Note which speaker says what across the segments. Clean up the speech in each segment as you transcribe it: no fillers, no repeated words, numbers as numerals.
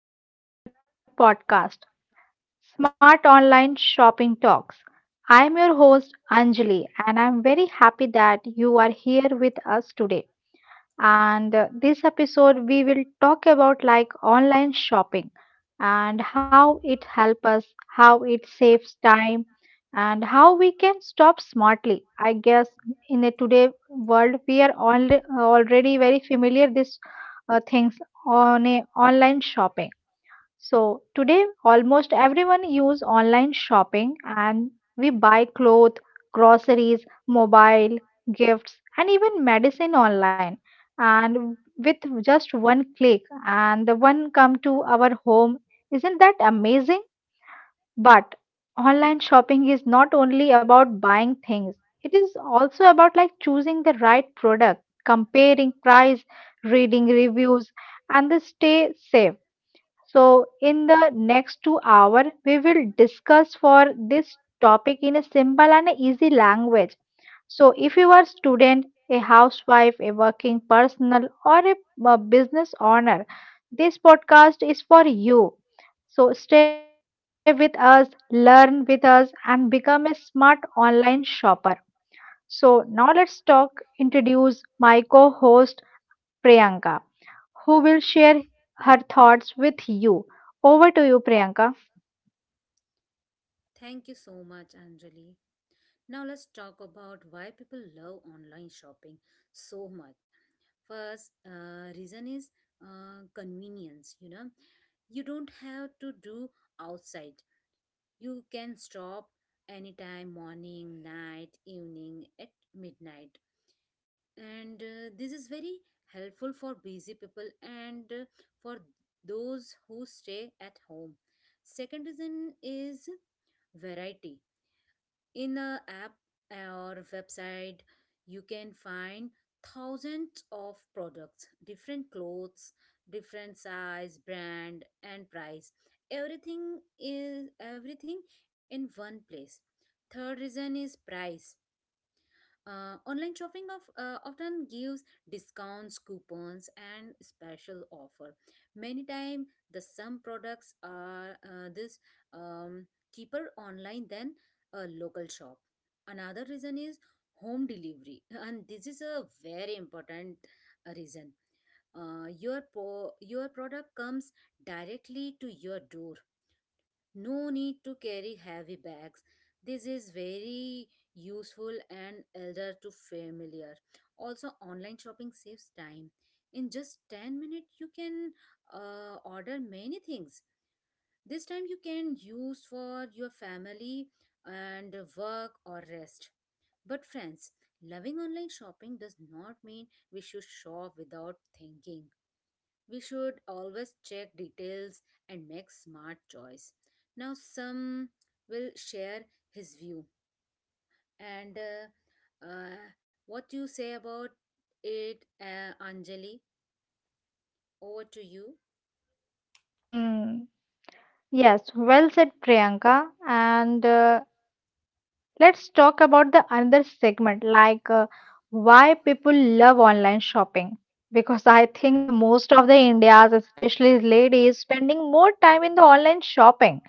Speaker 1: and welcome to our podcast, Smart Online Shopping Talks. I'm your host, Anjali, and I'm very happy that you are here with us today and this episode we will talk about like online shopping and how it helps us, how it saves time, and how we can stop smartly, I guess. In a today world, we are all already very familiar this things on a online shopping. So today almost everyone use online shopping and we buy clothes, groceries, mobile, gifts, and even medicine online, and with just one click and the one come to our home. Isn't that amazing? But online shopping is not only about buying things. It is also about like choosing the right product, comparing price, reading reviews, and the stay safe. So, in the next 2 hour, we will discuss for this topic in a simple and easy language. So, if you are student, a housewife, a working personal, or a business owner, this podcast is for you. So, stay with us, learn with us, and become a smart online shopper. So, now let's talk, introduce my co host Priyanka, who will share her thoughts with you. Over to you, Priyanka.
Speaker 2: Thank you so much, Anjali. Now let's talk about why people love online shopping so much. First, reason is convenience. You don't have to do outside. You can stop anytime, morning, night, evening, at midnight, and this is very helpful for busy people and for those who stay at home. Second reason is variety in a app or website, you can find thousands of products, different clothes, different size, brand, and price. Everything is everything in one place. Third reason is price. Online shopping often gives discounts, coupons, and special offer. Many time the some products are this um, cheaper online than a local shop. Another reason is home delivery, and this is a very important reason. Your product comes directly to your door, no need to carry heavy bags. This is very useful and elder to familiar. Also, online shopping saves time. In just 10 minutes, you can order many things. This time you can use for your family and work or rest. But friends, loving online shopping does not mean we should shop without thinking. We should always check details and make smart choice. Now some will share his view and what you say about it, Anjali? Over to you.
Speaker 1: Hmm. Yes, well said, Priyanka. And let's talk about the another segment, like why people love online shopping. Because I think the most of the Indians, especially ladies, spending more time in the online shopping.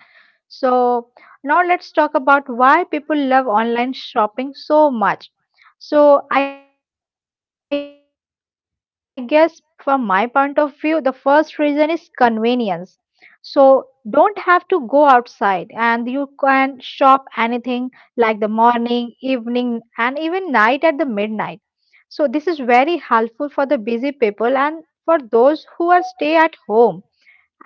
Speaker 1: So now let's talk about why people love online shopping so much. So I guess from my point of view, the first reason is convenience. So don't have to go outside and you can shop anything like the morning, evening, and even night at the midnight. So this is very helpful for the busy people and for those who are stay at home, and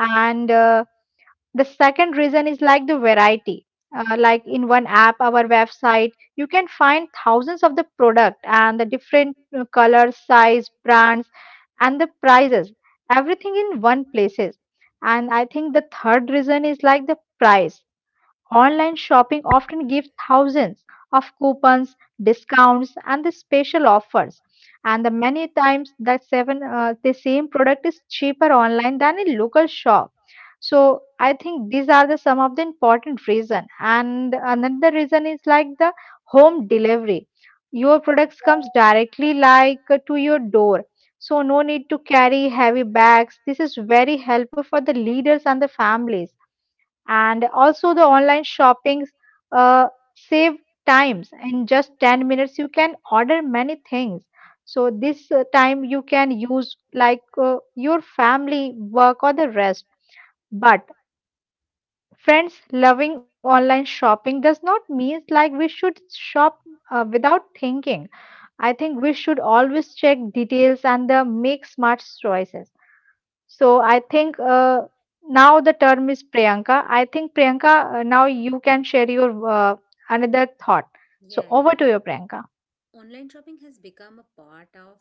Speaker 1: the second reason is like the variety. Like in one app, our website, you can find thousands of the product and the different colors, size, brands, and the prices. Everything in one places. And I think the third reason is like the price. Online shopping often gives thousands of coupons, discounts, and the special offers. And the many times the seven the same product is cheaper online than in local shop. So I think these are the some of the important reason, and another reason is like the home delivery. Your products comes directly like to your door, so no need to carry heavy bags. This is very helpful for the leaders and the families. And also the online shoppings uh, save times. In just 10 minutes you can order many things, so this time you can use like your family, work, or the rest. But friends, loving online shopping does not mean like we should shop without thinking. I think we should always check details and make smart choices. So I think now the term is Priyanka. I think Priyanka, now you can share your another thought. So
Speaker 2: Yeah,
Speaker 1: over
Speaker 2: yeah.
Speaker 1: to you, Priyanka.
Speaker 2: Online shopping has become a part of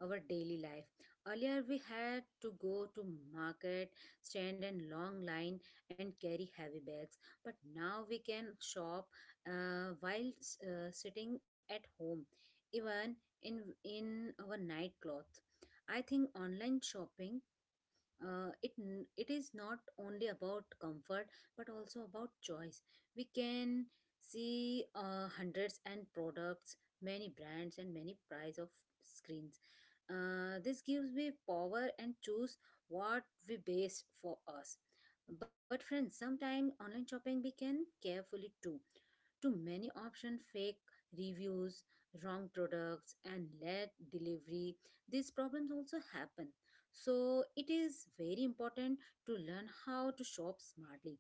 Speaker 2: our daily life. Earlier, we had to go to market, stand in long line, and carry heavy bags. But now we can shop while sitting at home, even in our night clothes. I think online shopping, it is not only about comfort but also about choice. We can see hundreds and products, many brands and many price of screens. This gives me power and choose what we base for us. But friends, sometimes online shopping we can carefully, too many option, fake reviews, wrong products, and late delivery. These problems also happen. So it is very important to learn how to shop smartly.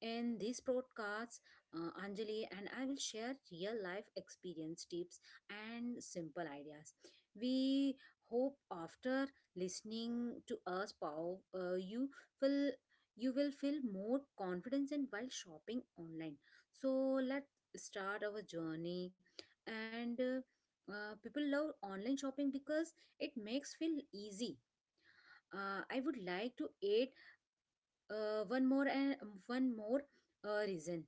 Speaker 2: In these podcasts, Anjali and I will share real life experience tips and simple ideas. We hope after listening to us, Pav, will you will feel more confidence in while shopping online. So let's start our journey. And people love online shopping because it makes feel easy. I would like to add uh, one more and one more reason,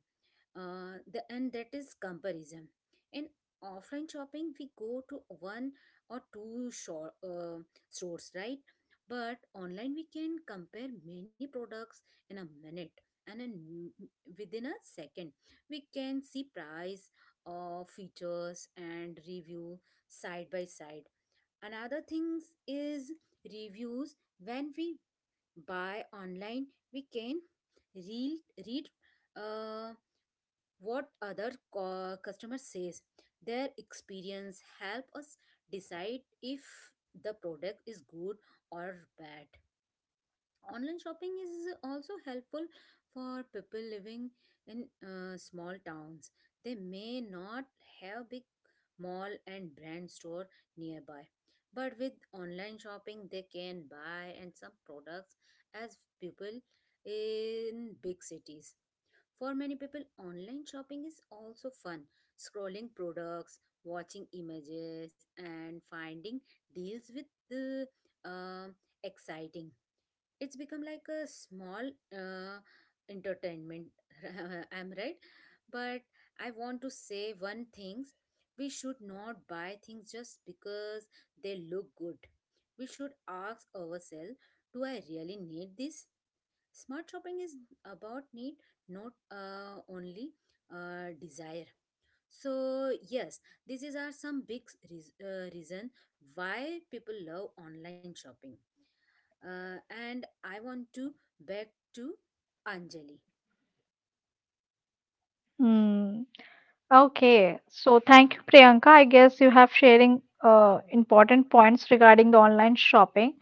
Speaker 2: and that is comparison. In offline shopping, we go to one or two stores, right? But online, we can compare many products in a minute and within a second. We can see price, features, and review side by side. Another things is reviews. When we buy online, we can read uh, what customer says. Their experience help us decide if the product is good or bad. Online shopping is also helpful for people living in small towns. They may not have big mall and brand store nearby. But with online shopping they can buy and some products as people in big cities. For many people online shopping is also fun. Scrolling products, watching images, and finding deals with the um exciting, it's become like a small uh, entertainment. I'm right? But I want to say one thing: we should not buy things just because they look good. We should ask ourselves, do I really need this? Smart shopping is about need, not only desire. So yes, these is are some big reason why people love online shopping. And I want to back to Anjali.
Speaker 1: Hmm. Okay. So thank you, Priyanka. I guess you have sharing important points regarding the online shopping.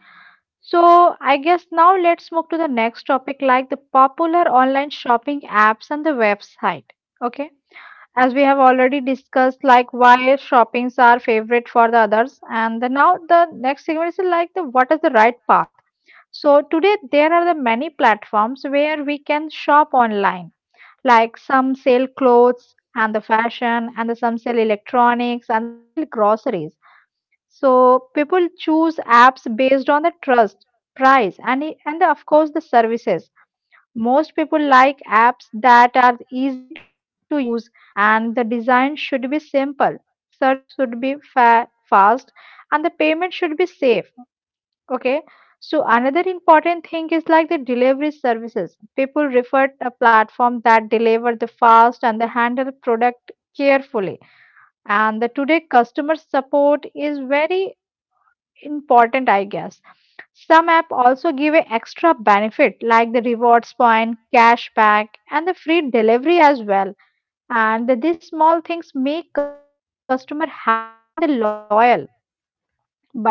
Speaker 1: So I guess now let's move to the next topic, like the popular online shopping apps and the website. Okay. As we have already discussed like why shoppings are favorite for the others and the, now the next segment is like the what is the right path. So today there are the many platforms where we can shop online, like some sell clothes and the fashion and the some sell electronics and the some sell groceries. So people choose apps based on the trust, price, and, and the, of course, the services. Most people like apps that are easy to use, and the design should be simple. Search should be fast and the payment should be safe. Okay. So another important thing is like the delivery services. People refer to a platform that deliver the fast and the handle product carefully. And the today customer support is very important, I guess. Some app also give a extra benefit like the rewards point, cashback, and the free delivery as well. And these small things make customer happy and the loyal. But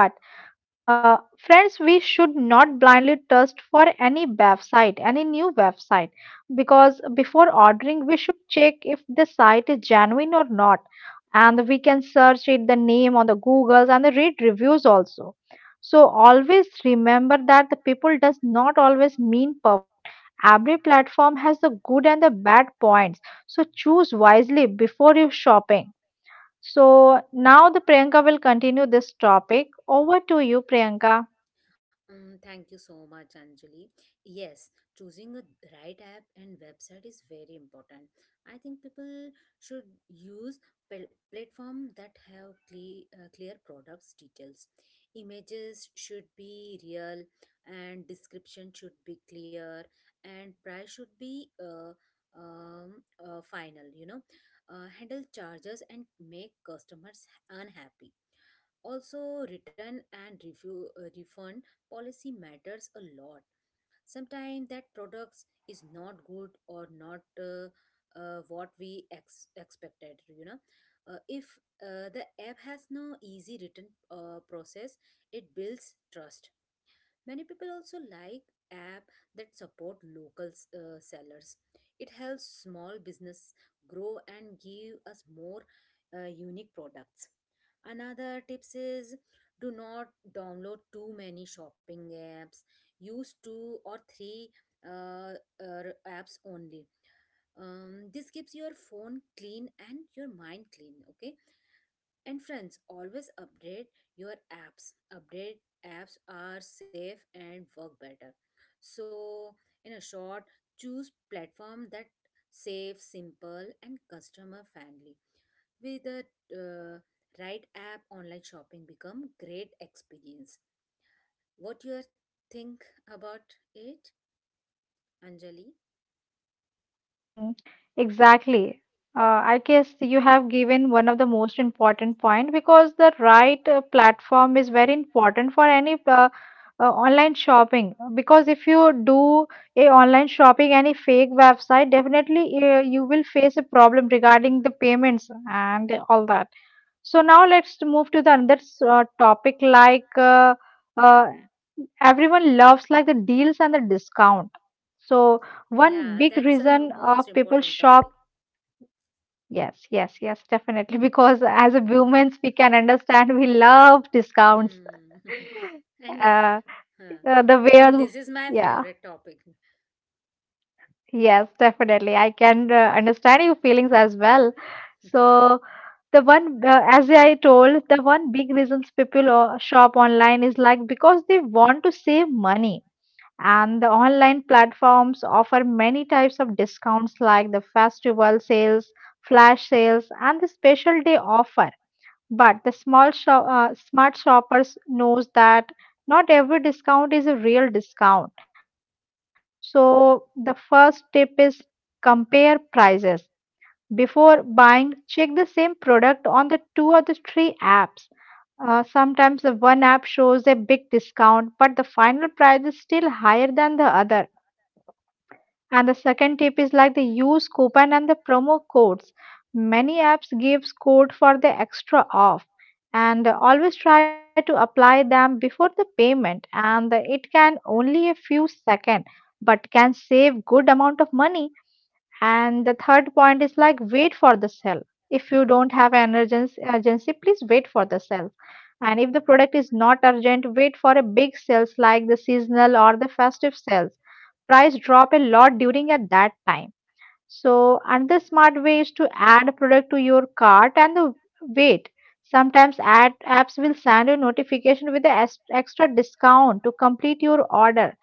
Speaker 1: friends, we should not blindly trust for any website, any new website, because before ordering, we should check if the site is genuine or not, and we can search it the name on the Googles and read reviews also. So always remember that the people does not always mean perfect. Every platform has the good and the bad points. So choose wisely before you shopping. So now the Priyanka will continue this topic. Over to you, Priyanka.
Speaker 2: Thank you so much, Anjali. Yes, choosing a right app and website is very important. I think people should use platform that have clear products details. Images should be real, and description should be clear, and price should be final. Handle charges and make customers unhappy also, return and refund policy matters a lot. Sometimes that products is not good or not what we expected. If the app has no easy return process, it builds trust. Many people also like app that support local sellers. It helps small business grow and give us more unique products. Another tips is, do not download too many shopping apps. Use two or three uh, apps only. This keeps your phone clean and your mind clean. Okay. And friends, always update your apps. Update apps are safe and work better. So, in a short, choose platform that safe, simple, and customer friendly. With the right app, online shopping become great experience. What you think about it, Anjali?
Speaker 1: Hmm, exactly. I guess you have given one of the most important point because the right platform is very important for any online shopping. Because if you do a online shopping any fake website, definitely you will face a problem regarding the payments and all that. So now let's move to the another topic like. Uh, everyone loves like the deals and the discount. So one
Speaker 2: Yeah,
Speaker 1: big
Speaker 2: that's a
Speaker 1: reason
Speaker 2: most
Speaker 1: people
Speaker 2: important
Speaker 1: shop.
Speaker 2: topic.
Speaker 1: Yes, yes, yes, definitely. Because as a women, we can understand we love discounts.
Speaker 2: Hmm. And it,
Speaker 1: Uh,
Speaker 2: huh.
Speaker 1: the way,
Speaker 2: And this is my
Speaker 1: yeah,
Speaker 2: favorite topic.
Speaker 1: yes, definitely. I can understand your feelings as well. So the one, as I told, the one big reasons people shop online is like because they want to save money. And the online platforms offer many types of discounts like the festival sales, flash sales, and the special day offer. But the small shop, smart shoppers knows that not every discount is a real discount. So the first tip is compare prices. Before buying, check the same product on the two or the three apps. Sometimes the one app shows a big discount, but the final price is still higher than the other. And the second tip is like the use coupon and the promo codes. Many apps gives code for the extra off, and always try to apply them before the payment, and it can only a few second but can save good amount of money. And the third point is like wait for the sale. If you don't have an urgency, please wait for the sale. And if the product is not urgent, wait for a big sales like the seasonal or the festive sales. Price drop a lot during at that time. So another smart way is to add product to your cart and the wait. Sometimes ad apps will send you notification with the extra discount to complete your order.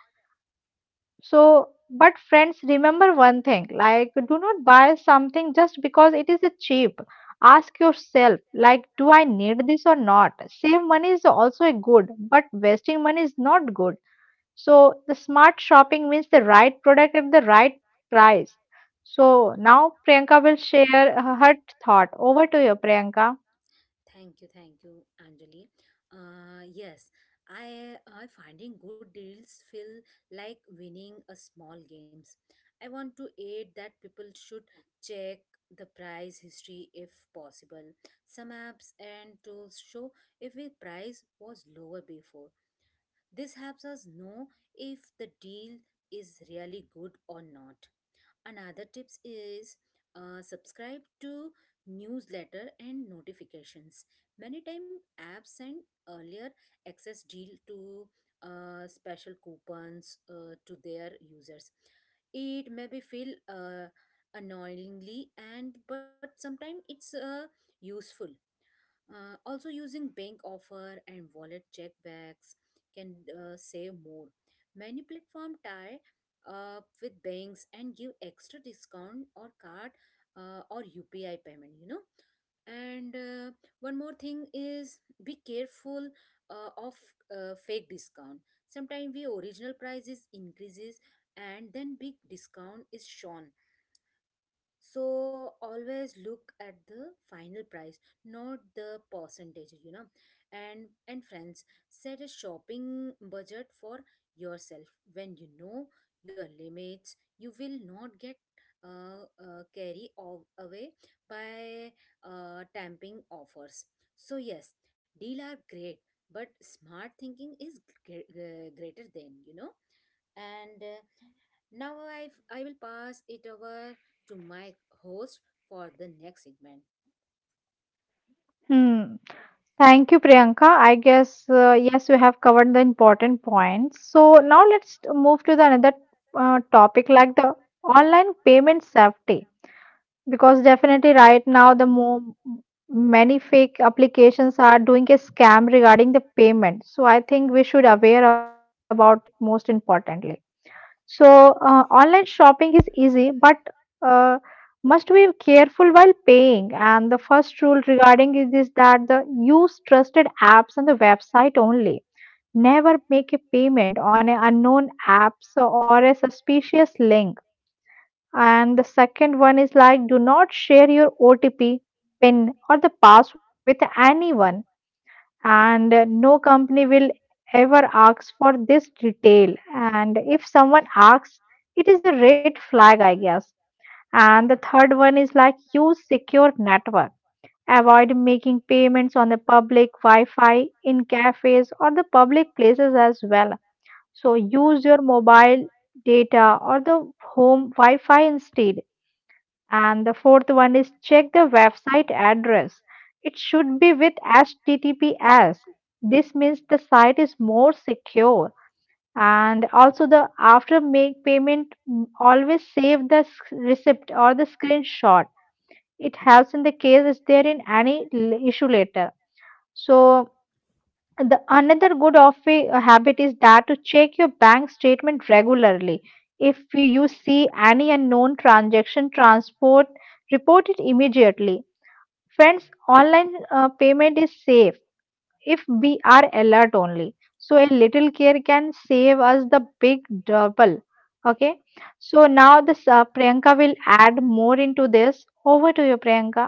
Speaker 1: So, but friends, remember one thing: like, do not buy something just because it is cheap. Ask yourself, like, do I need this or not? Save money is also a good, but wasting money is not good. So the smart shopping means the right product at the right price. So now Priyanka will share her thought. Over to you, Priyanka.
Speaker 2: Thank you, Anjali. Yes, I finding good deals feel like winning a small games. I want to add that people should check the price history if possible. Some apps and tools show if a price was lower before. This helps us know if the deal is really good or not. Another tips is, subscribe to newsletter and notifications. Many time apps send earlier access deal to special coupons to their users. It may be feel annoyingly and but sometimes it's useful. Also, using bank offer and wallet check bags can save more. Many platform tie up with banks and give extra discount or card or UPI payment. You know, and one more thing is, be careful of fake discount. Sometimes the original prices increases and then big discount is shown, so always look at the final price, not the percentage, you know. And friends, set a shopping budget for yourself. When you know your limits, you will not get away by tamping offers. So yes, deal are great, but smart thinking is greater than, you know. And now I will pass it over to my host for the next segment.
Speaker 1: Hmm. Thank you, Priyanka. I guess yes, you have covered the important points. So now let's move to the another topic like the online payment safety, because definitely right now the more many fake applications are doing a scam regarding the payment. So I think we should aware about it most importantly. So, online shopping is easy, but uh, must be careful while paying. And the first rule regarding it is that the use trusted apps and the website only. Never make a payment on an unknown apps or a suspicious link. And the second one is like do not share your OTP, PIN, or the password with anyone, and no company will ever ask for this detail, and if someone asks, it is a red flag, I guess. And the third one is like use secure network. Avoid making payments on the public wi-fi in cafes or the public places as well. So use your mobile data or the home wi-fi instead. And the fourth one is check the website address. It should be with HTTPS. This means the site is more secure. And also the after make payment, mm, always save the receipt or the screenshot. It helps in the case is there in any issue later. So the another good a habit is that to check your bank statement regularly. If you see any unknown transaction transport, report it immediately. Friends, online payment is safe if we are alert only. So a little care can save us the big double. Okay. So now this Priyanka will add more into this. Over to you, Priyanka.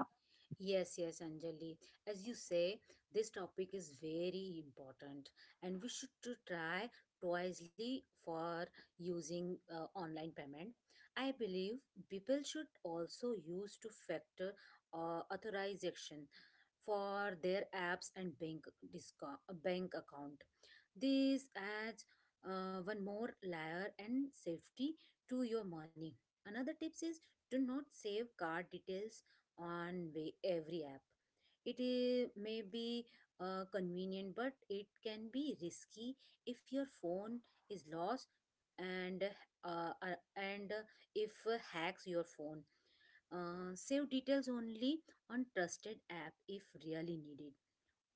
Speaker 2: Yes, yes, Anjali. As you say, this topic is very important, and we should to try wisely for using online payment. I believe people should also use to factor authorization for their apps and bank account. This adds one more layer and safety to your money. Another tips is, do not save card details on every app. It may be convenient, but it can be risky if your phone is lost and and if hacks your phone. Save details only on trusted app if really needed.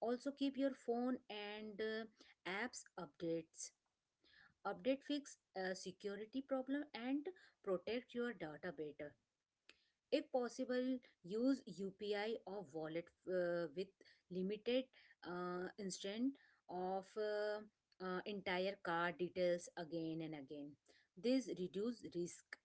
Speaker 2: Also keep your phone and apps updates. Update fix a security problem and protect your data better. If possible, use UPI or wallet with limited instant of entire card details again and again. This reduce risk.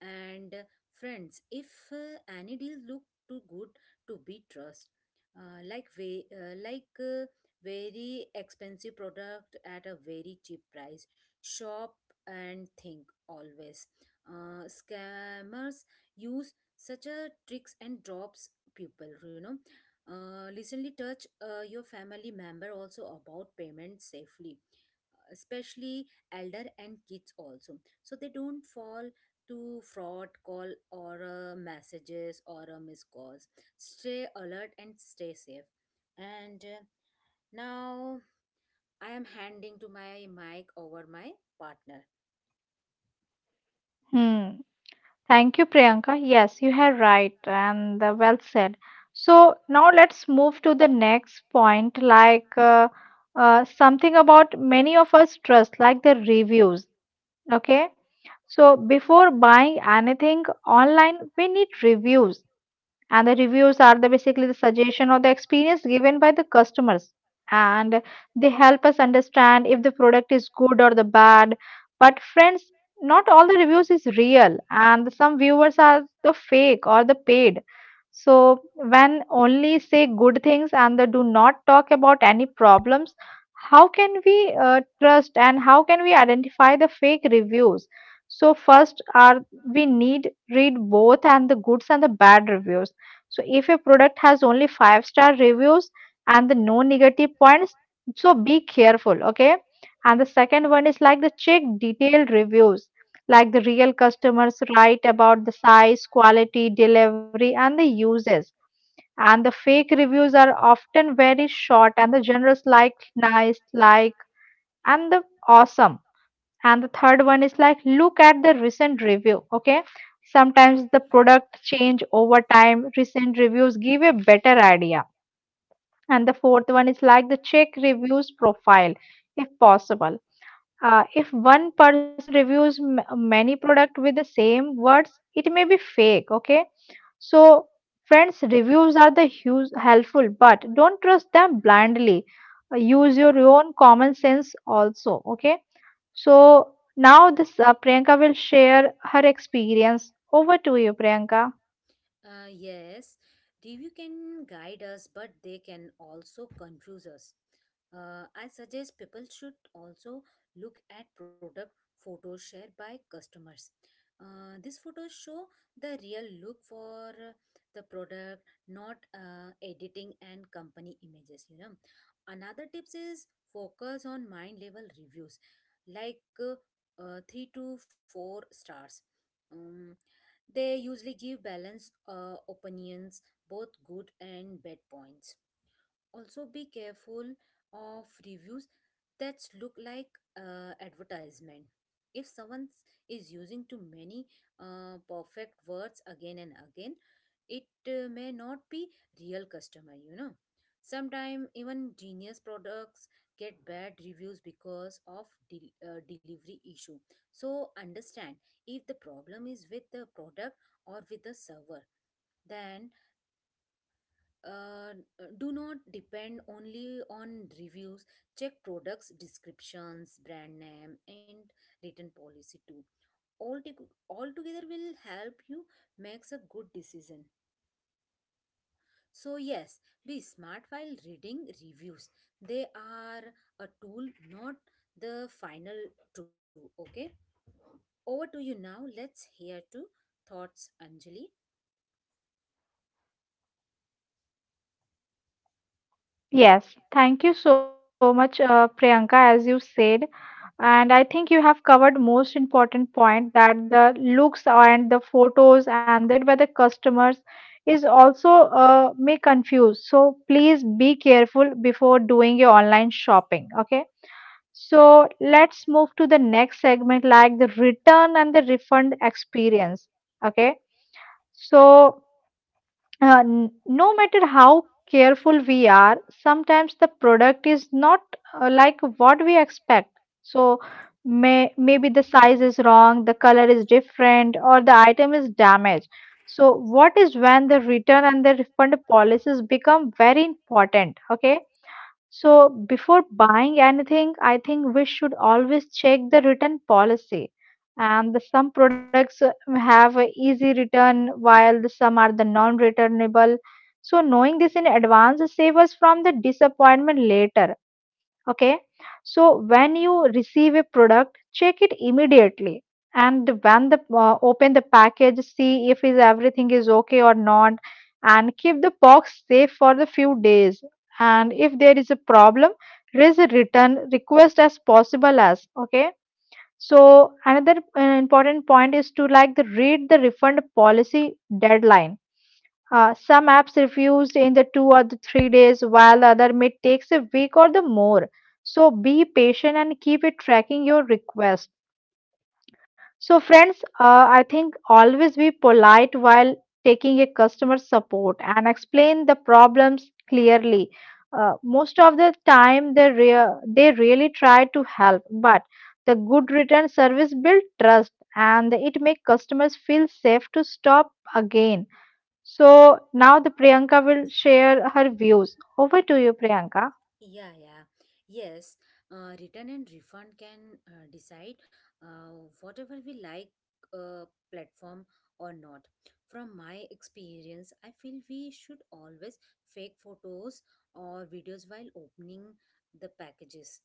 Speaker 2: And friends, if any deal look too good to be trust, like very expensive product at a very cheap price, shop and think always. Scammers use such a tricks and drops people, you know. Recently touch your family member also about payment safely, especially elder and kids also, so they don't fall to fraud call or messages or missed calls. Stay alert and stay safe. And now I am handing to my mic over my partner.
Speaker 1: Hmm. Thank you, Priyanka. Yes, you are right and well said. So now let's move to the next point, like something about many of us trust, like the reviews. Okay. So before buying anything online, we need reviews, and the reviews are the basically the suggestion or the experience given by the customers, and they help us understand if the product is good or the bad. But friends, not all the reviews is real, and some viewers are the fake or the paid. So when only say good things and they do not talk about any problems, how can we trust, and how can we identify the fake reviews? So first are, we need read both and the goods and the bad reviews. So if a product has only five-star reviews and the no negative points, so be careful, okay? And the second one is like the check detailed reviews, like the real customers write about the size, quality, delivery, and the uses. And the fake reviews are often very short, and the generals like nice, like, and the awesome. And the third one is like look at the recent review, okay? Sometimes the product change over time, recent reviews give a better idea. And the fourth one is like the check reviews profile, if possible. If one person reviews many product with the same words, it may be fake. Okay, so friends, reviews are the huge helpful, but don't trust them blindly. Use your own common sense also. Okay, so now this Priyanka will share her experience. Over to you, Priyanka.
Speaker 2: Yes, review can guide us, but they can also confuse us. I suggest people should also look at product photos shared by customers. These photos show the real look for the product, not editing and company images. Another tips is, focus on mind level reviews, like three to four stars. Um, they usually give balanced opinions, both good and bad points. Also be careful of reviews that look like advertisement. If is using too many perfect words again and again, it may not be real customer, you know. Sometimes even genius products get bad reviews because of delivery issue. So understand if the problem is with the product or with the server. Then uh, do not depend only on reviews. Check products descriptions, brand name, and written policy too. All together will help you makes a good decision. So yes, be smart while reading reviews. They are a tool, not the final tool. Okay, over to you. Now let's hear to thoughts, Anjali.
Speaker 1: Yes, thank you so much, Priyanka, as you said. And I think you have covered most important point that the looks and the photos and the shared by the customers is also may confuse. So please be careful before doing your online shopping. Okay. So let's move to the next segment, like the return and the refund experience. Okay. So uh, n- no matter how careful we are, sometimes the product is not like what we expect. So maybe the size is wrong, the color is different, or the item is damaged. So what is when the return and the refund policies become very important? Okay, so before buying anything, I think we should always check the return policy. And the- some products have a easy return, while the some are the non-returnable. So, knowing this in advance save us from the disappointment later. Okay, so when you receive a product, check it immediately. And when the open the package, see if is everything is okay or not, and keep the box safe for the few days. And if there is a problem, raise a return request as possible as okay. So another important point is to like the read the refund policy deadline. Some apps refused in the two or the 3 days, while other may takes a week or the more. So be patient and keep it tracking your request. So friends, I think always be polite while taking a customer support and explain the problems clearly. Most of the time, they they really try to help, but the good return service build trust and it make customers feel safe to stop again. So now the Priyanka will share her views. Over to you, Priyanka.
Speaker 2: Yeah, yeah. Yes, return and refund can decide uh, whatever we like uh, platform or not. From my experience, I feel we should always fake photos or videos while opening the packages.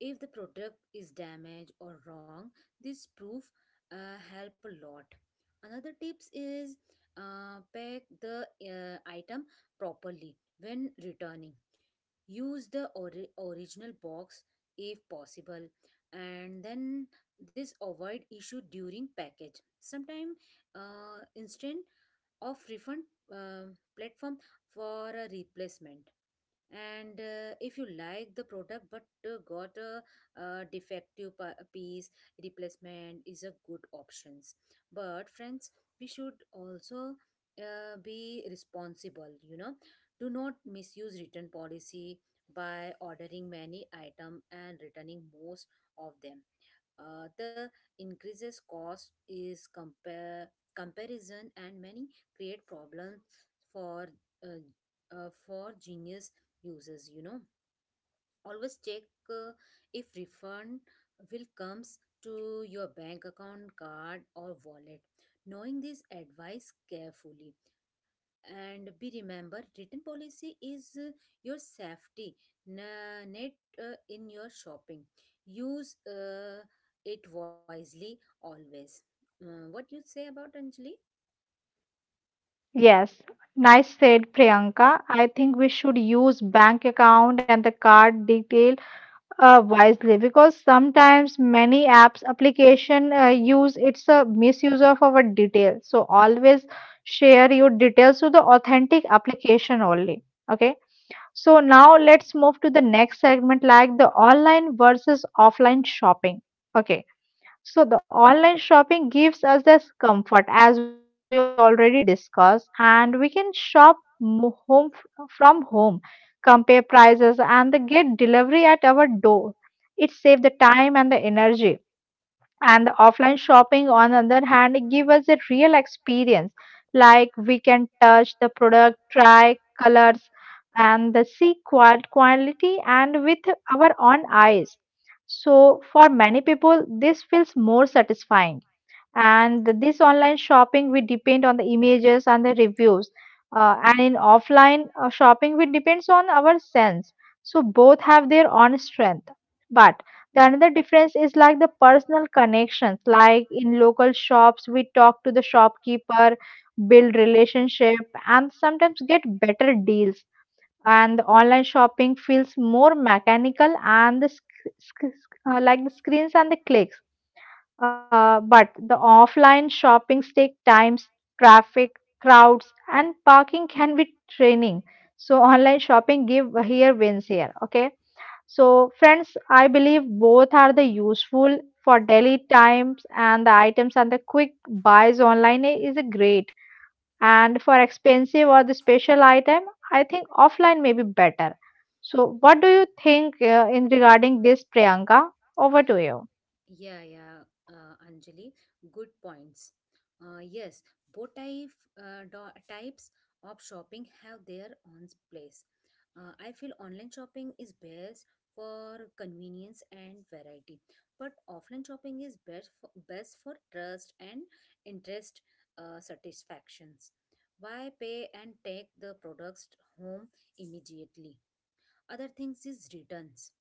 Speaker 2: If the product is damaged or wrong, this proof help a lot. Another tips is pack the item properly when returning use the original box if possible, and then this avoid issue during package sometime instant of refund, uh, platform for a replacement. And if you like the product but got a, defective piece, replacement is a good options. But friends, we should also be responsible, do not misuse return policy by ordering many item and returning most of them. The increases cost is compare comparison and many create problems for uh, for genius uses, always check if refund will comes to your bank account card or wallet. Knowing this advice carefully and be remember written policy is, your safety net in your shopping. Use it wisely always. What you say about anjali?
Speaker 1: Yes, nice said, Priyanka. I think we should use bank account and the card detail wisely, because sometimes many apps application use it's a misuse of our detail. So always share your details to the authentic application only. Okay. So now let's move to the next segment, like the online versus offline shopping. Okay. So the online shopping gives us this comfort as we already discussed, and we can shop home from home, compare prices and the get delivery at our door. It saves the time and the energy. And the offline shopping, on the other hand, it give us a real experience, like we can touch the product, try colors, and the see quality and with our own eyes. So for many people this feels more satisfying. And this online shopping, we depend on the images and the reviews, and in offline shopping we depends on our sense. So both have their own strength. But the another difference is like the personal connections, like in local shops we talk to the shopkeeper, build relationship, and sometimes get better deals. And the online shopping feels more mechanical and the like the screens and the clicks. But the offline shoppings take times, traffic, crowds, and parking can be draining. So online shopping give here, wins here. Okay. So friends, I believe both are the useful for daily times and the items, and the quick buys online is a great. And for expensive or the special item, I think offline may be better. So what do you think in regarding this, Priyanka? Over to you.
Speaker 2: Yeah, yeah, Anjali, good points. Yes, both type, types of shopping have their own place. I feel online shopping is best for convenience and variety, but offline shopping is best for, best for trust and interest, satisfactions. Why pay and take the products home immediately? Other things is returns.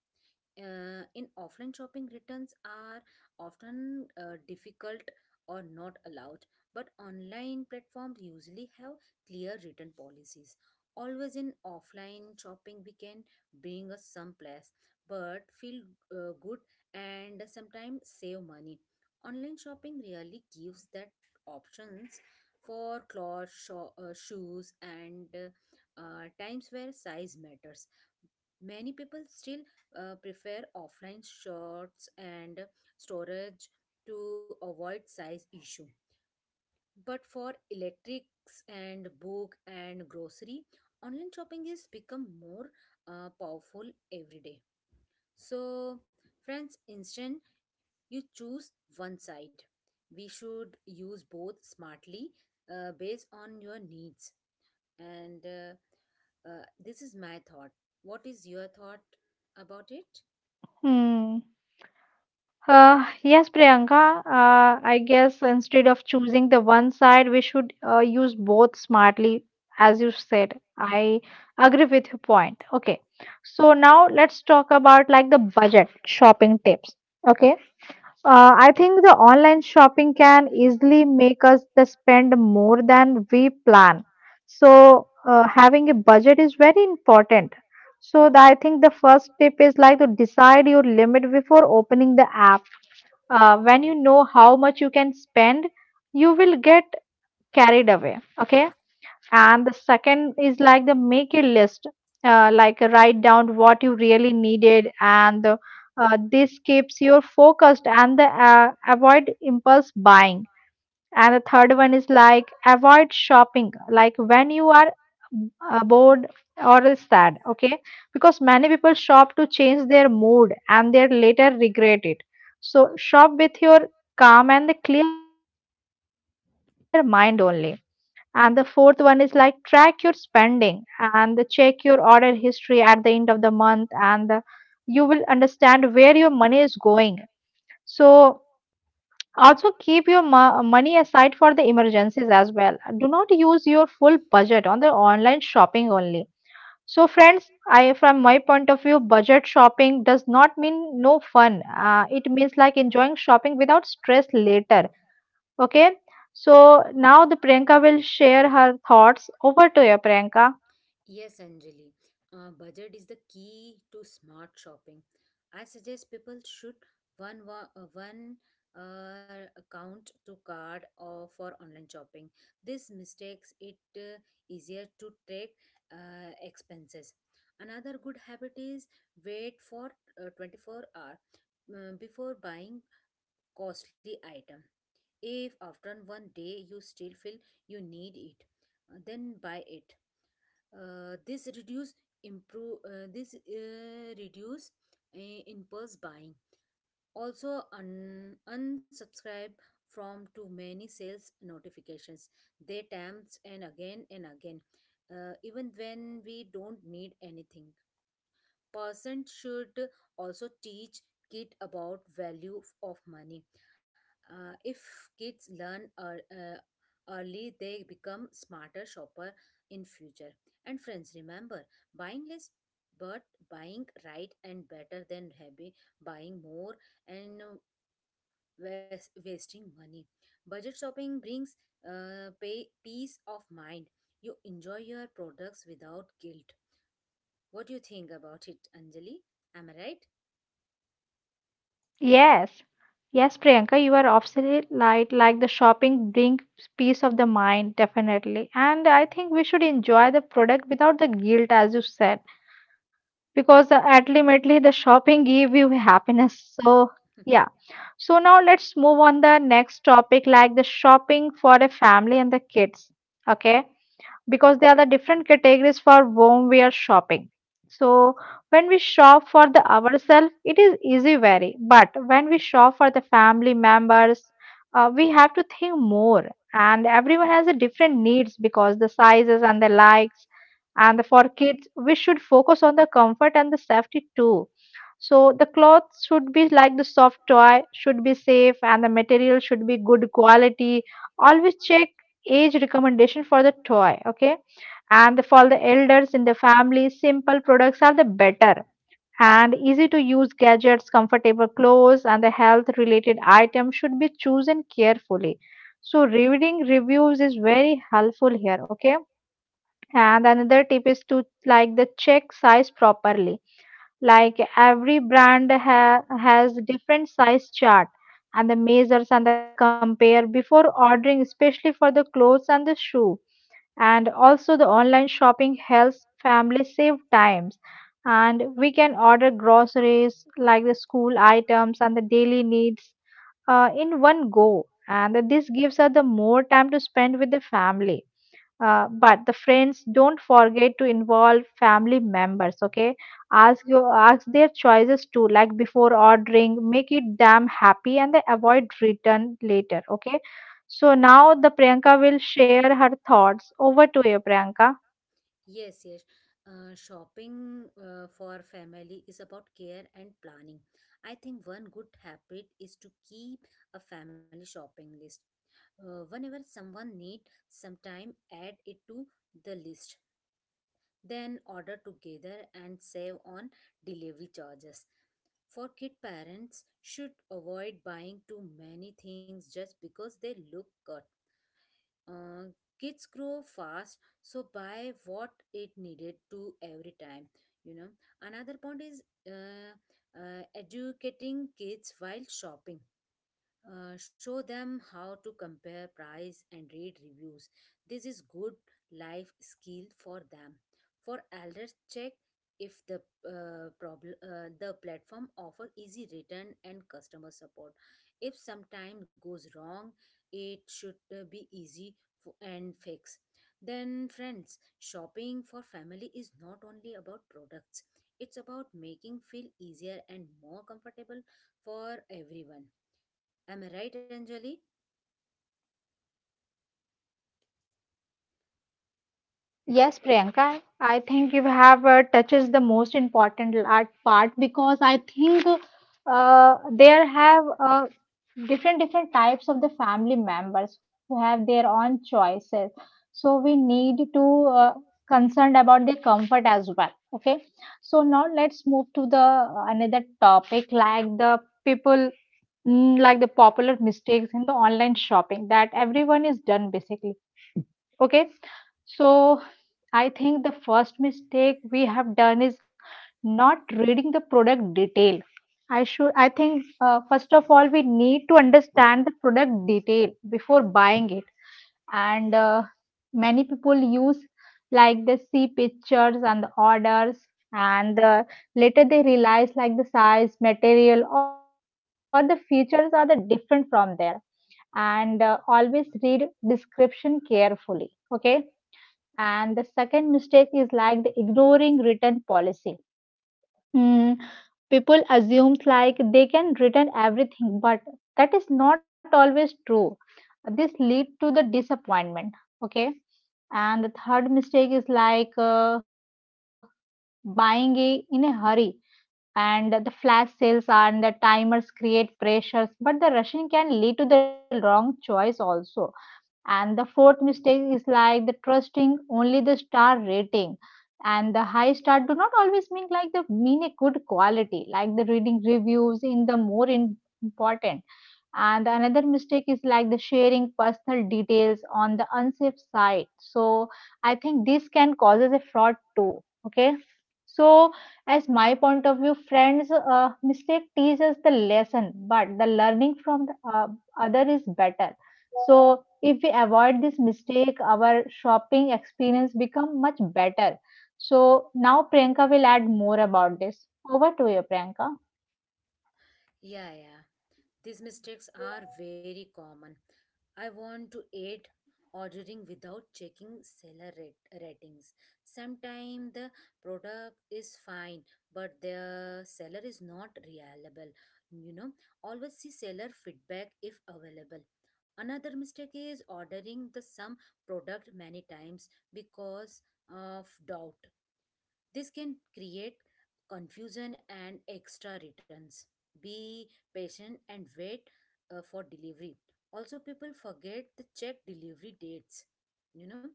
Speaker 2: In offline shopping, returns are often difficult or not allowed, but online platforms usually have clear return policies. Always in offline shopping we can bring us someplace, but feel good, and sometimes save money. Online shopping really gives that options for clothes shoes, and times where size matters. Many people still prefer offline shots and storage to avoid size issue. But for electrics and book and grocery, online shopping is become more powerful every day. So, friends, instead you choose one side. We should use both smartly based on your needs. And This is my thought. What is your thought about it?
Speaker 1: Hmm. Yes, Priyanka, I guess instead of choosing the one side, we should use both smartly, as you said. I agree with your point. Okay, so now let's talk about like the budget shopping tips. Okay, I think the online shopping can easily make us the spend more than we plan. So having a budget is very important. So the, I think the first tip is like to decide your limit before opening the app. When you know how much you can spend, you will get carried away, okay? And the second is like the make a list, like write down what you really needed, and this keeps you focused, and the, avoid impulse buying. And the third one is like avoid shopping, like when you are bored or sad, okay? Because many people shop to change their mood and they later regret it. So, shop with your calm and the clear mind only. And the fourth one is like track your spending and the check your order history at the end of the month, and you will understand where your money is going. So, also, keep your money aside for the emergencies as well. Do not use your full budget on the online shopping only. So, friends, I from my point of view, budget shopping does not mean no fun. It means like enjoying shopping without stress later. Okay. So now the Priyanka will share her thoughts. Over to you, Priyanka.
Speaker 2: Yes, Anjali. Budget is the key to smart shopping. I suggest people should one account to card or for online shopping. This mistakes it easier to track expenses. Another good habit is wait for 24 hour before buying costly item. If after one day you still feel you need it, then buy it. This reduce improve this reduce impulse buying. Also, unsubscribe from too many sales notifications. They tempt and again, even when we don't need anything. Person should also teach kid about value of money. If kids learn early, they become smarter shopper in future. And friends, remember, buying less but buying right and better than heavy buying more and wasting money. Budget shopping brings peace of mind. You enjoy your products without guilt. What do you think about it, anjali? Am I right?
Speaker 1: Yes, yes, Priyanka, you are absolutely right. Like the shopping brings peace of the mind, definitely. And I think we should enjoy the product without the guilt, as you said, because ultimately the shopping give you happiness. So, yeah. So now let's move on the next topic, like the shopping for a family and the kids. Okay, because there are the different categories for whom we are shopping. So when we shop for the ourselves, it is easy vary. But when we shop for the family members, we have to think more. And everyone has a different needs because the sizes and the likes. And for kids, we should focus on the comfort and the safety too. So the clothes should be like the soft toy, should be safe, and the material should be good quality. Always check age recommendation for the toy, okay? And for the elders in the family, simple products are the better, and easy to use gadgets, comfortable clothes, and the health related items should be chosen carefully. So reading reviews is very helpful here, okay? And another tip is to like the check size properly, like every brand has different size chart, and the measures and the compare before ordering, especially for the clothes and the shoe. And also the online shopping helps families save times, and we can order groceries like the school items and the daily needs in one go, and this gives us the more time to spend with the family. But the friends, don't forget to involve family members. Okay, ask their choices too. Like before ordering, make it damn happy, and they avoid return later. Okay, so now the Priyanka will share her thoughts. Over to you, Priyanka.
Speaker 2: Yes, yes. Shopping for family is about care and planning. I think one good habit is to keep a family shopping list. Whenever someone need sometime, add it to the list. Then order together and save on delivery charges. For kid, parents should avoid buying too many things just because they look good. uh, Kids grow fast, so buy what it needed to every time, you know, another point is uh, educating kids while shopping. Show them how to compare price and read reviews. This is good life skill for them. For elders, check if the problem the platform offer easy return and customer support. If sometime goes wrong, it should be easy and fix. Then friends, shopping for family is not only about products. It's about making feel easier and more comfortable for everyone. Am I right, Anjali? What?
Speaker 1: Yes, Priyanka, I think you have touches the most important part, because I think there have different different types of the family members who have their own choices. So we need to concerned about their comfort as well. Okay, so now let's move to the another topic like the people like the popular mistakes in the online shopping that everyone is done basically. Okay. So I think the first mistake we have done is not reading the product detail. I should I think first of all, we need to understand the product detail before buying it, and many people use, like they see pictures and the orders, and later they realize like the size, material, or the features are the different from there. And always read description carefully, okay. And the second mistake is like the ignoring written policy. Mm, People assume like they can return everything, but that is not always true. This lead to the disappointment. Okay. And the third mistake is like buying a, in a hurry. And the flash sales and the timers create pressures, but the rushing can lead to the wrong choice also. And the fourth mistake is like the trusting only the star rating. And the high star do not always mean like the mean a good quality, like the reading reviews in the more in, important. And another mistake is like the sharing personal details on the unsafe site. So I think this can causes a fraud too. Okay. So, as my point of view, friends, mistake teaches the lesson, but the learning from the other is better. So if we avoid this mistake, our shopping experience become much better. So now Priyanka will add more about this. Over to you, Priyanka.
Speaker 2: Yeah, yeah. These mistakes are very common. I want to aid ordering without checking seller rate, ratings. Sometimes the product is fine, but the seller is not reliable. You know, always see seller feedback if available. Another mistake is ordering the same product many times because of doubt. This can create confusion and extra returns. Be patient and wait for delivery. Also, people forget to check delivery dates. You know,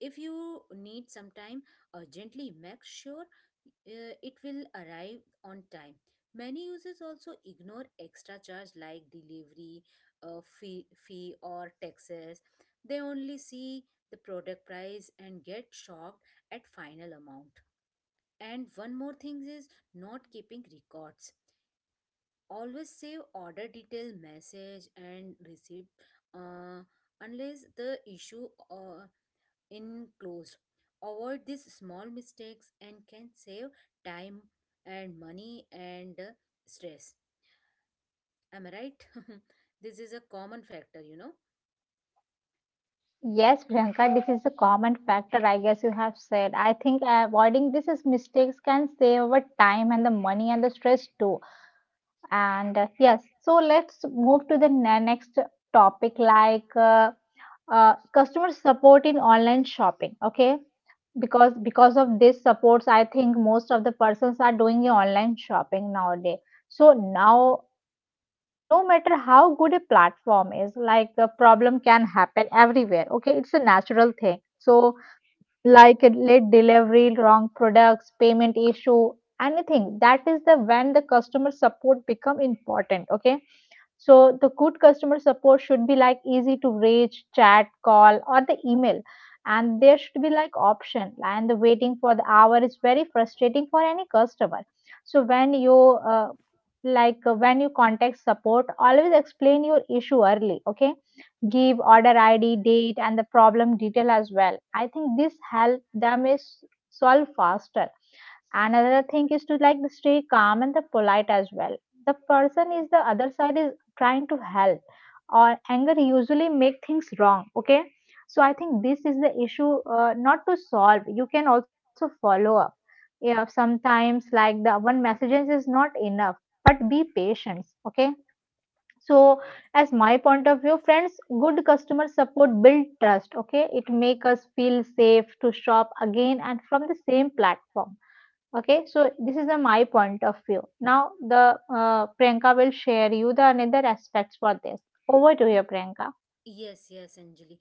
Speaker 2: if you need some time urgently, make sure it will arrive on time. Many users also ignore extra charge like delivery fee or taxes. They only see the product price and get shocked at final amount. And one more thing is not keeping records. Always save order detail, message, and receipt uh, unless the issue enclosed. Avoid these small mistakes and can save time and money and stress. Am I right? This is a common factor, you know.
Speaker 1: Yes, Priyanka, this is a common factor, I guess you have said. I think avoiding this is mistakes can save our time and the money and the stress too. And yes, so let's move to the next topic, like customer support in online shopping. Okay, because of this supports, I think most of the persons are doing a online shopping nowadays. So now, no matter how good a platform is, like the problem can happen everywhere, okay, it's a natural thing. So like a late delivery, wrong products, payment issue, anything that is the when the customer support become important, okay. So the good customer support should be like easy to reach, chat, call, or the email. And there should be like option. And the waiting for the hour is very frustrating for any customer. So when you uh, when you contact support, always explain your issue early. Okay, give order ID, date, and the problem detail as well. I think this help them is solve faster. Another thing is to like stay calm and the polite as well. The person is the other side is trying to help, or anger usually make things wrong, okay. So I think this is the issue not to solve, you can also follow up. Yeah, sometimes like the one messages is not enough, but be patient, okay. So, as my point of view, friends, good customer support build trust, okay, it make us feel safe to shop again and from the same platform. Okay, so this is the my point of view. Now the Priyanka will share you the another aspects for this. Over to you,
Speaker 2: Y-
Speaker 1: Priyanka.
Speaker 2: Yes, yes, Anjali.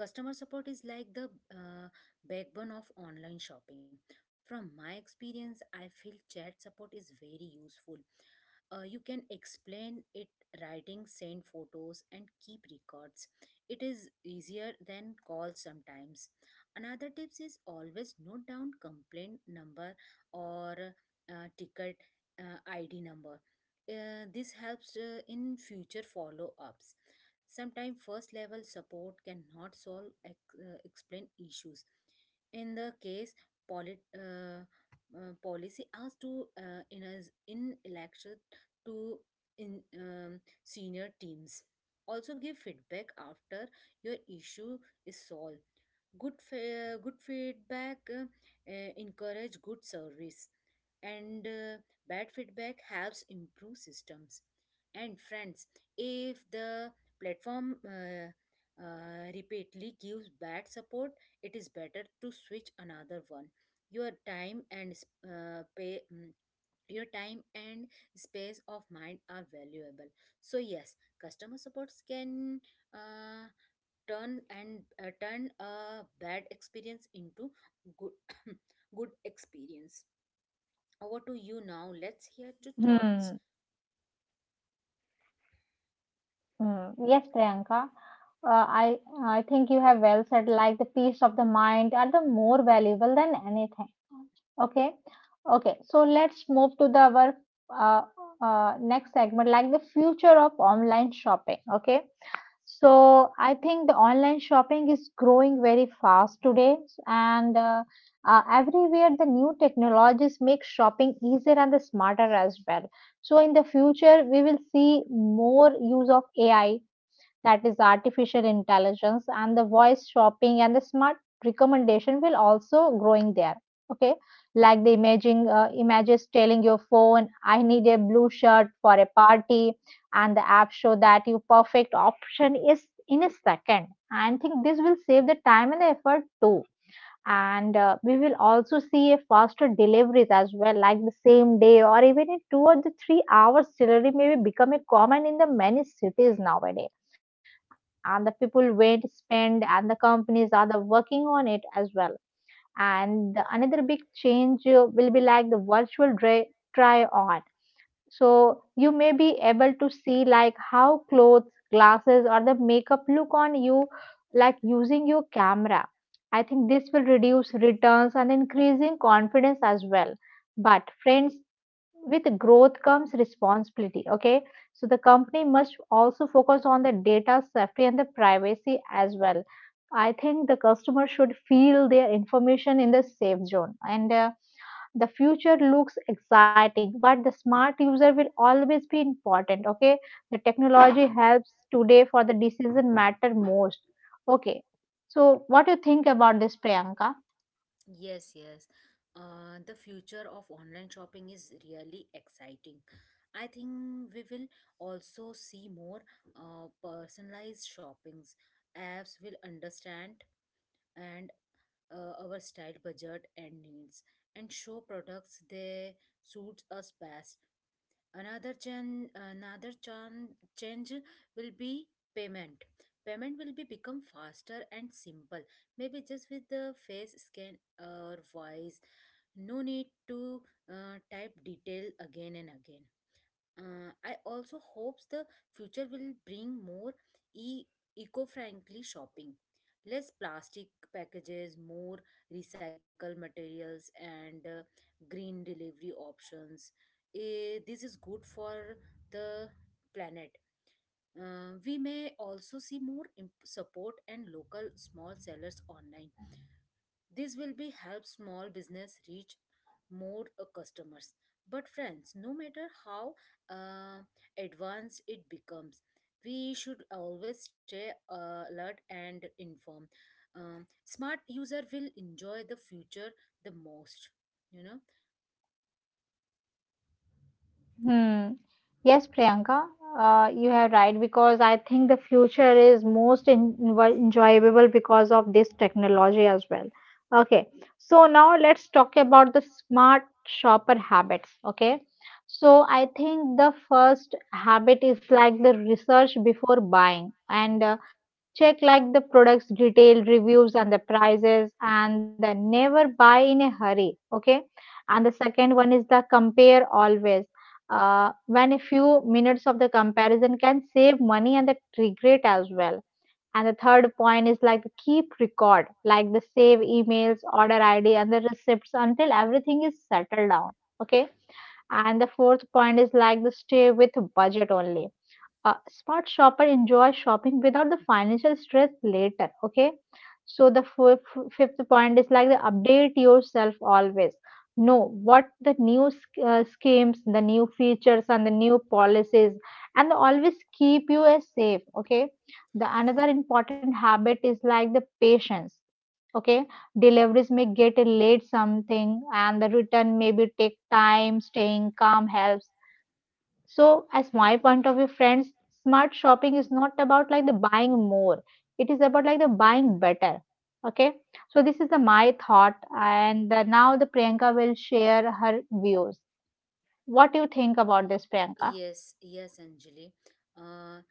Speaker 2: Customer support is like the uh, backbone of online shopping. From my experience, I feel chat support is very useful. You can explain it writing, send photos, and keep records. It is easier than calls sometimes. Another tips is always note down complaint number or ticket ID number. This helps in future follow ups. Sometimes first level support cannot solve explain issues. In the case, polit- uh, policy asked to in as in election to in senior teams. Also give feedback after your issue is solved. Good feedback encourage good service, and bad feedback helps improve systems. And friends, if the platform repeatedly gives bad support, it is better to switch another one. Your time and uh, pay mm, your time and space of mind are valuable. So yes, customer supports can uh, turn a bad experience into good good experience. Over to you now. Let's hear your thoughts.
Speaker 1: Hmm. Hmm. Yes, Priyanka. Uh, I I think you have well said. Like the peace of the mind are the more valuable than anything. Okay. Okay. So let's move to the our uh, next segment, like the future of online shopping. Okay. So I think the online shopping is growing very fast today, and everywhere the new technologies make shopping easier and the smarter as well. So in the future, we will see more use of AI, that is artificial intelligence, and the voice shopping and the smart recommendation will also growing there. Okay, like the imaging images telling your phone, "I need a blue shirt for a party," and the app show that your perfect option is in a second. I think this will save the time and effort too. And we will also see a faster deliveries as well, like the same day or even in two or the 3 hours delivery may be becoming common in the many cities nowadays. And the people wait, spend, and the companies are the working on it as well. And another big change will be like the try on, so you may be able to see like how clothes, glasses, or the makeup look on you, like using your camera. I think this will reduce returns and increasing confidence as well. But friends, with growth comes responsibility. Okay, so the company must also focus on the data safety and the privacy as well. I think the customer should feel their information in the safe zone. And the future looks exciting, but the smart user will always be important, okay. The technology helps today, for the decision matter most, okay. So what do you think about this, Priyanka?
Speaker 2: Yes, yes. The future of online shopping is really exciting. I think we will also see more personalized shoppings. Apps will understand and our style, budget, and needs, and show products they suits us best. Another chan, another chan, change will be payment. Payment will be become faster and simple. Maybe just with the face scan or voice. No need to type detail again and again. I also hopes the future will bring more e- eco-friendly shopping, less plastic packages, more recycled materials, and green delivery options. Eh, this is good for the planet. We may also see more support and local small sellers online. This will be help small business reach more customers. But friends, no matter how uh, advanced it becomes, we should always stay alert and informed. Smart user will enjoy the future the most. You know.
Speaker 1: Hmm. Yes, Priyanka, you are right, because I think the future is most enjoyable because of this technology as well. Okay, so now let's talk about the smart shopper habits. Okay, so I think the first habit is like the research before buying, and check like the products detail, reviews, and the prices, and never buy in a hurry. Okay, and the second one is the compare always, when a few minutes of the comparison can save money and the regret as well. And the third point is like keep record, like the save emails, order ID, and the receipts until everything is settled down. Okay. And the fourth point is like the stay with budget only. A smart shopper enjoys shopping without the financial stress later, okay. So the fifth point is like the update yourself always. Know what the schemes, the new features, and the new policies, and always keep you as safe, okay. The another important habit is like the patience, okay. Deliveries may get late something, and the return may be take time. Staying calm helps. So, as my point of view, friends, smart shopping is not about like the buying more. It is about like the buying better. Okay. So this is the my thought, and now the Priyanka will share her views. What do you think about this, Priyanka?
Speaker 2: Yes, yes, Anjali. Uh,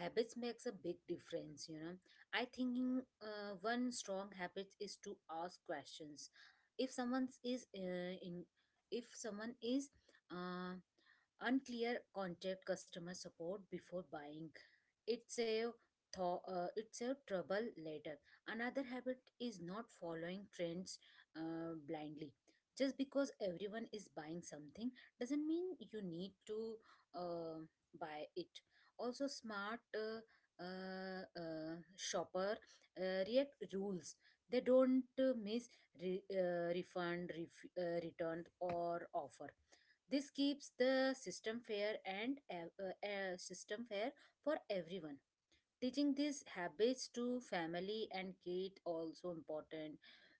Speaker 2: Habits makes a big difference, you know. I thinking one strong habit is to ask questions. If someone is uh, in, if someone is uh, unclear, contact customer support before buying. It save it save trouble later. Another habit is not following trends blindly. Just because everyone is buying something doesn't mean you need to uh, buy it. Also smart shopper react rules. They don't miss return or offer. This keeps the system fair for everyone. Teaching these habits to family and kid also important.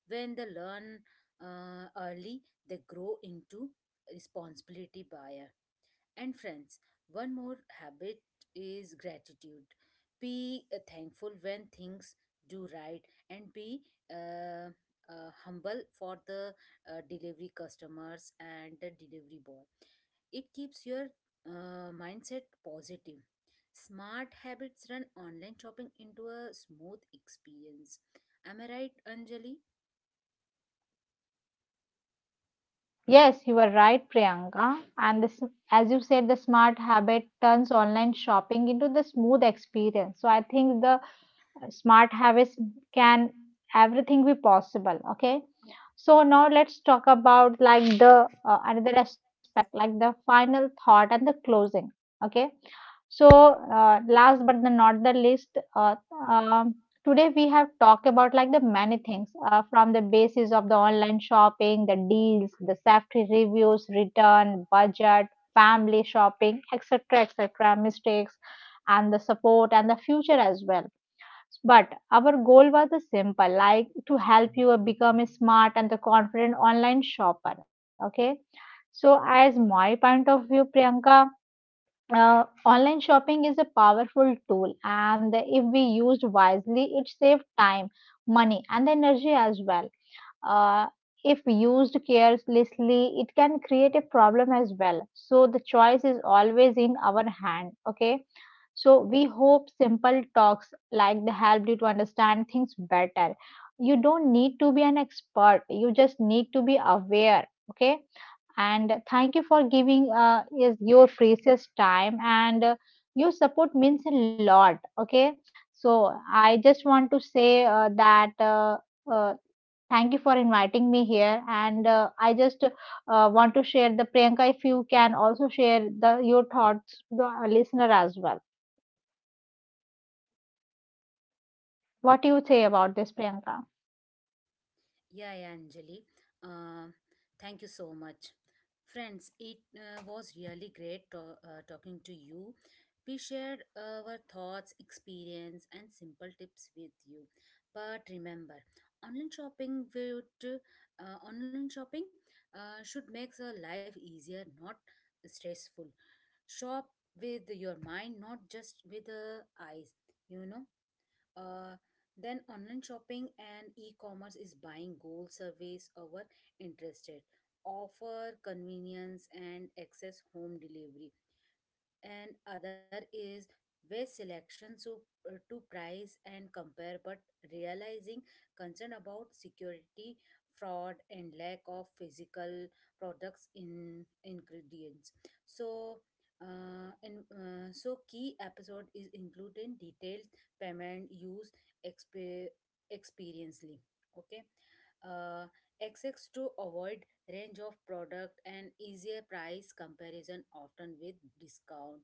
Speaker 2: When they learn early, they grow into responsibility buyer. And friends, one more habit is gratitude. Be thankful when things do right, and be uh, humble for the delivery customers and the delivery boy. It keeps your mindset positive. Smart habits run online shopping into a smooth experience. Am I right, Anjali?
Speaker 1: Yes, you are right, Priyanka. And this, as you said, the smart habit turns online shopping into the smooth experience. So I think the smart habits can everything be possible, okay. So now let's talk about like the another aspect like the final thought and the closing, okay. So last but the, not the least, uh, um, today we have talked about like the many things, from the basis of the online shopping, the deals, the safety, reviews, return, budget, family shopping, etc, etc, mistakes, and the support, and the future as well. But our goal was a simple, like to help you become a smart and the confident online shopper. Okay. So, as my point of view, Priyanka, online shopping is a powerful tool, and if we used wisely, it saves time, money, and energy as well. Uh, if used carelessly, it can create a problem as well. So, the choice is always in our hand. Okay, so we hope simple talks like they helped you to understand things better. You don't need to be an expert. You just need to be aware. Okay. And thank you for giving is your precious time, and your support means a lot. Okay. So I just want to say that uh, thank you for inviting me here. And I just want to share the Priyanka, if you can also share the your thoughts to the listener as well. What do you say about this, Priyanka?
Speaker 2: Yeah, yeah, Anjali. Uh, Thank you so much. Friends, it was really great talking to you. We shared our thoughts, experience, and simple tips with you. But remember, online shopping would online shopping should make our life easier, not stressful. Shop with your mind, not just with the eyes. You know. Uh, then online shopping and e-commerce is buying goal surveys over interested offer convenience and access home delivery, and other is waste selection to price and compare, but realizing concern about security fraud and lack of physical products in ingredients. So and so key episode is included in detailed payment use exp- experiencely. Okay, uh, access to avoid range of product and easier price comparison often with discount.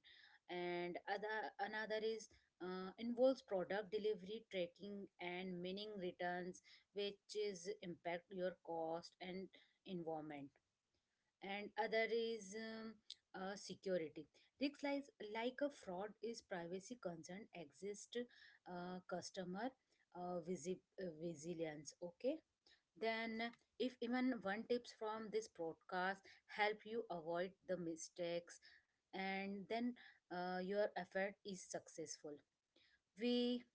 Speaker 2: And other Another is involves product delivery tracking and meaning returns, which is impact your cost and environment. And other is security risks like a fraud is privacy concern exist, customer resilience. Okay, then, if even one tips from this broadcast help you avoid the mistakes, and then your effort is successful. We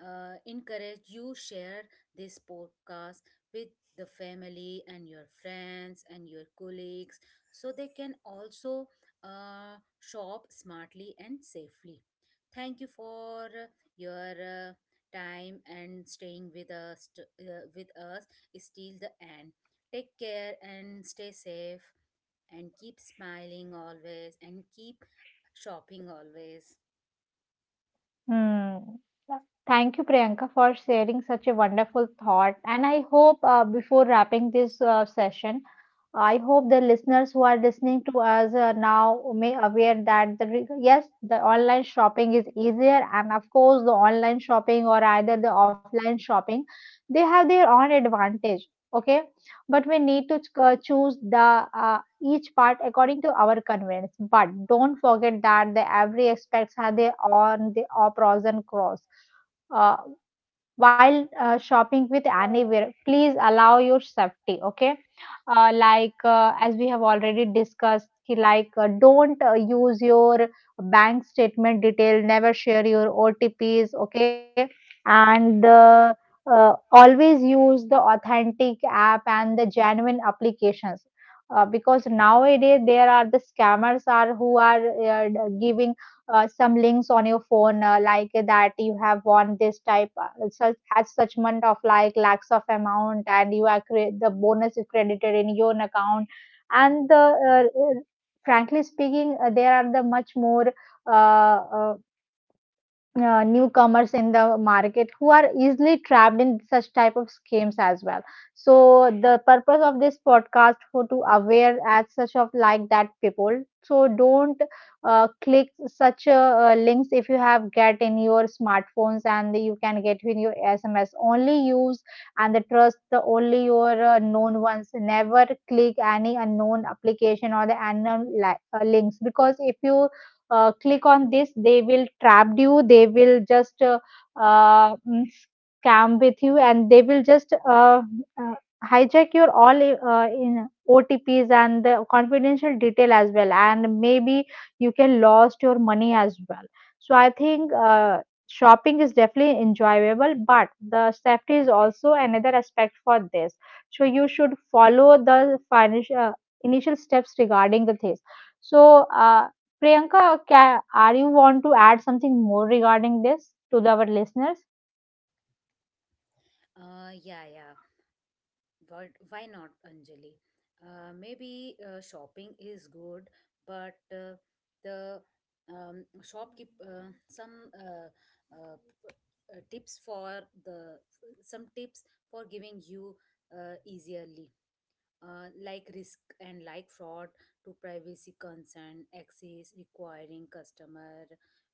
Speaker 2: encourage you share this podcast with the family and your friends and your colleagues, so they can also shop smartly and safely. Thank you for your time and staying with us with us till the end. Take care and stay safe, and keep smiling always, and keep shopping always.
Speaker 1: Hmm. Thank you, Priyanka, for sharing such a wonderful thought. And I hope before wrapping this session, I hope the listeners who are listening to us now may aware that the yes, the online shopping is easier, and of course, the online shopping or either the offline shopping, they have their own advantage. Okay, but we need to choose the each part according to our convenience. But don't forget that the every aspects have their on the or pros and cons. Uh, while shopping with anywhere, please allow your safety. Okay, as we have already discussed, ki don't use your bank statement detail. Never share your OTPs. Okay, and always use the authentic app and the genuine applications because nowadays there are the scammers are who are uh, d- giving some links on your phone like that you have won this type such has such amount of like lakhs of amount and you are the bonus is credited in your own account and the uh, uh, frankly speaking there are the much more uh, uh, newcomers in the market who are easily trapped in such type of schemes as well. So the purpose of this podcast for to aware as such of like that people, so don't click such links if you have get in your smartphones and you can get in your SMS only use and the trust the only your known ones. Never click any unknown application or the links, because if you click on this they will trap you, they will just scam with you and they will just uh, hijack your all in OTPs and the confidential detail as well, and maybe you can lost your money as well. So I think shopping is definitely enjoyable, but the safety is also another aspect for this. So you should follow the financial initial steps regarding the things. So uh, Priyanka, are you want to add something more regarding this to our listeners?
Speaker 2: Yeah, yeah. What, why not, Anjali? Maybe shopping is good, but the shopkeep some uh, p- tips for the some tips for giving you easily like risk and like fraud to privacy concern, access requiring customer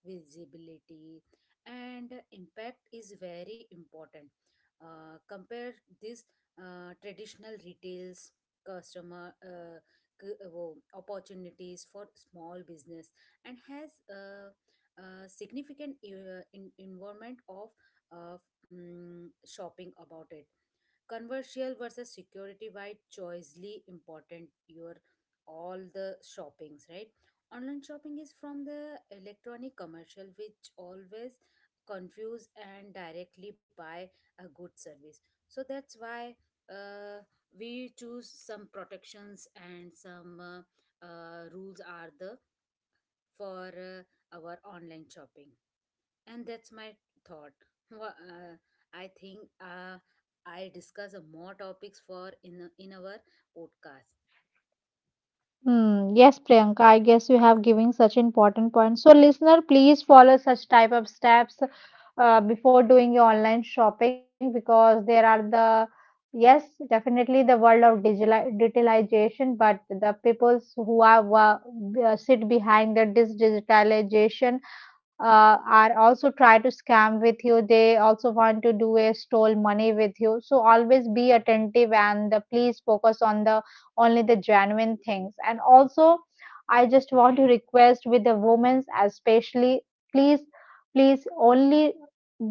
Speaker 2: visibility, and impact is very important. Compare this traditional retails customer opportunities for small business and has a significant environment of shopping about it. Conversial versus security wide choicely important your all the shoppings, right? Online shopping is from the electronic commercial which always confuse and directly buy a good service. So that's why uh, we choose some protections and some rules are the for our online shopping, and that's my thought. Wha- uh, I think I discuss more topics in our podcast.
Speaker 1: Hmm. Yes, Priyanka, I guess you have given such important points. So, listener, please follow such type of steps before doing your online shopping, because there are the yes, definitely the world of digitalization, but the peoples who are sit behind the this digitalization are also try to scam with you. They also want to do a stole money with you. So always be attentive, and please focus on the only the genuine things. And also, I just want to request with the women, especially, please, please only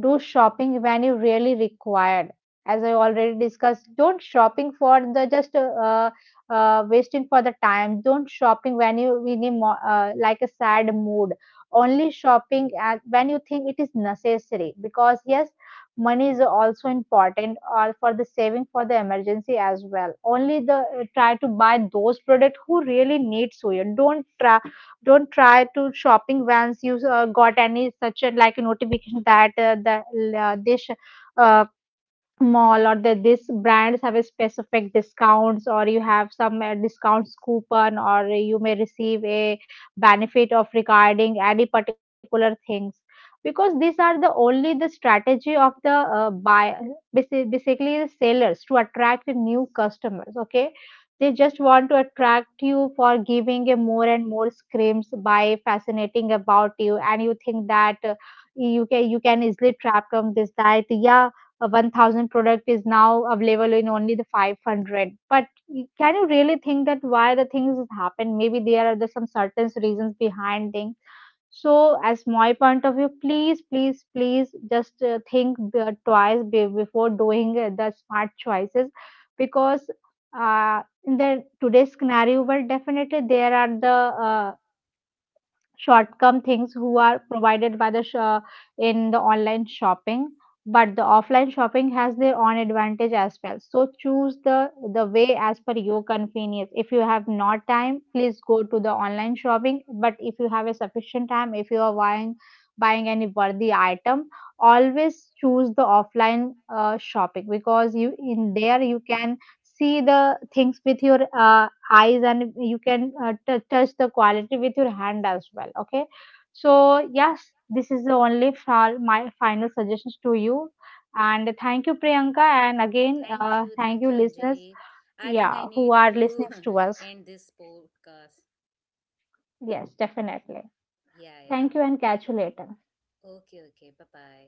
Speaker 1: do shopping when you really required. As I already discussed, don't shopping for the just wasting for the time. Don't shopping when you in a like a sad mood. Only shopping at, when you think it is necessary. Because yes, money is also important or for the saving for the emergency as well, only the try to buy those products who really need. So you don't try, don't try to shopping once you got any such a like a notification that the this uh, mall or that this brands have a specific discounts, or you have some discounts coupon, or you may receive a benefit of regarding any particular things. Because these are the only the strategy of the buy, basically the sellers, to attract the new customers. Okay, they just want to attract you for giving a more and more screams by fascinating about you, and you think that you can, you can easily trap from this diet. Yeah, a 1000 product is now available in only the 500, but can you really think that why the things happen? Maybe there are the some certain reasons behind things. So as my point of view, please please please just think the twice, be, before doing the smart choices. Because in the today's scenario, well, definitely there are the uh, shortcome things who are provided by the in the online shopping. But the offline shopping has their own advantage as well. So choose the way as per your convenience. If you have not time, please go to the online shopping. But if you have a sufficient time, if you are buying, buying any worthy item, always choose the offline shopping, because you in there you can see the things with your eyes and you can touch the quality with your hand as well. Okay, so yes, this is the only far my final suggestions to you. And thank you, Priyanka, and again,
Speaker 2: Thank you, thank
Speaker 1: thank
Speaker 2: you,
Speaker 1: you,
Speaker 2: Anjali.
Speaker 1: listeners,
Speaker 2: I think
Speaker 1: yeah,
Speaker 2: I need
Speaker 1: who are
Speaker 2: to
Speaker 1: listening to us.
Speaker 2: end this podcast.
Speaker 1: Yes, definitely.
Speaker 2: Yeah, yeah.
Speaker 1: Thank you, and catch you later.
Speaker 2: Okay, okay, bye bye.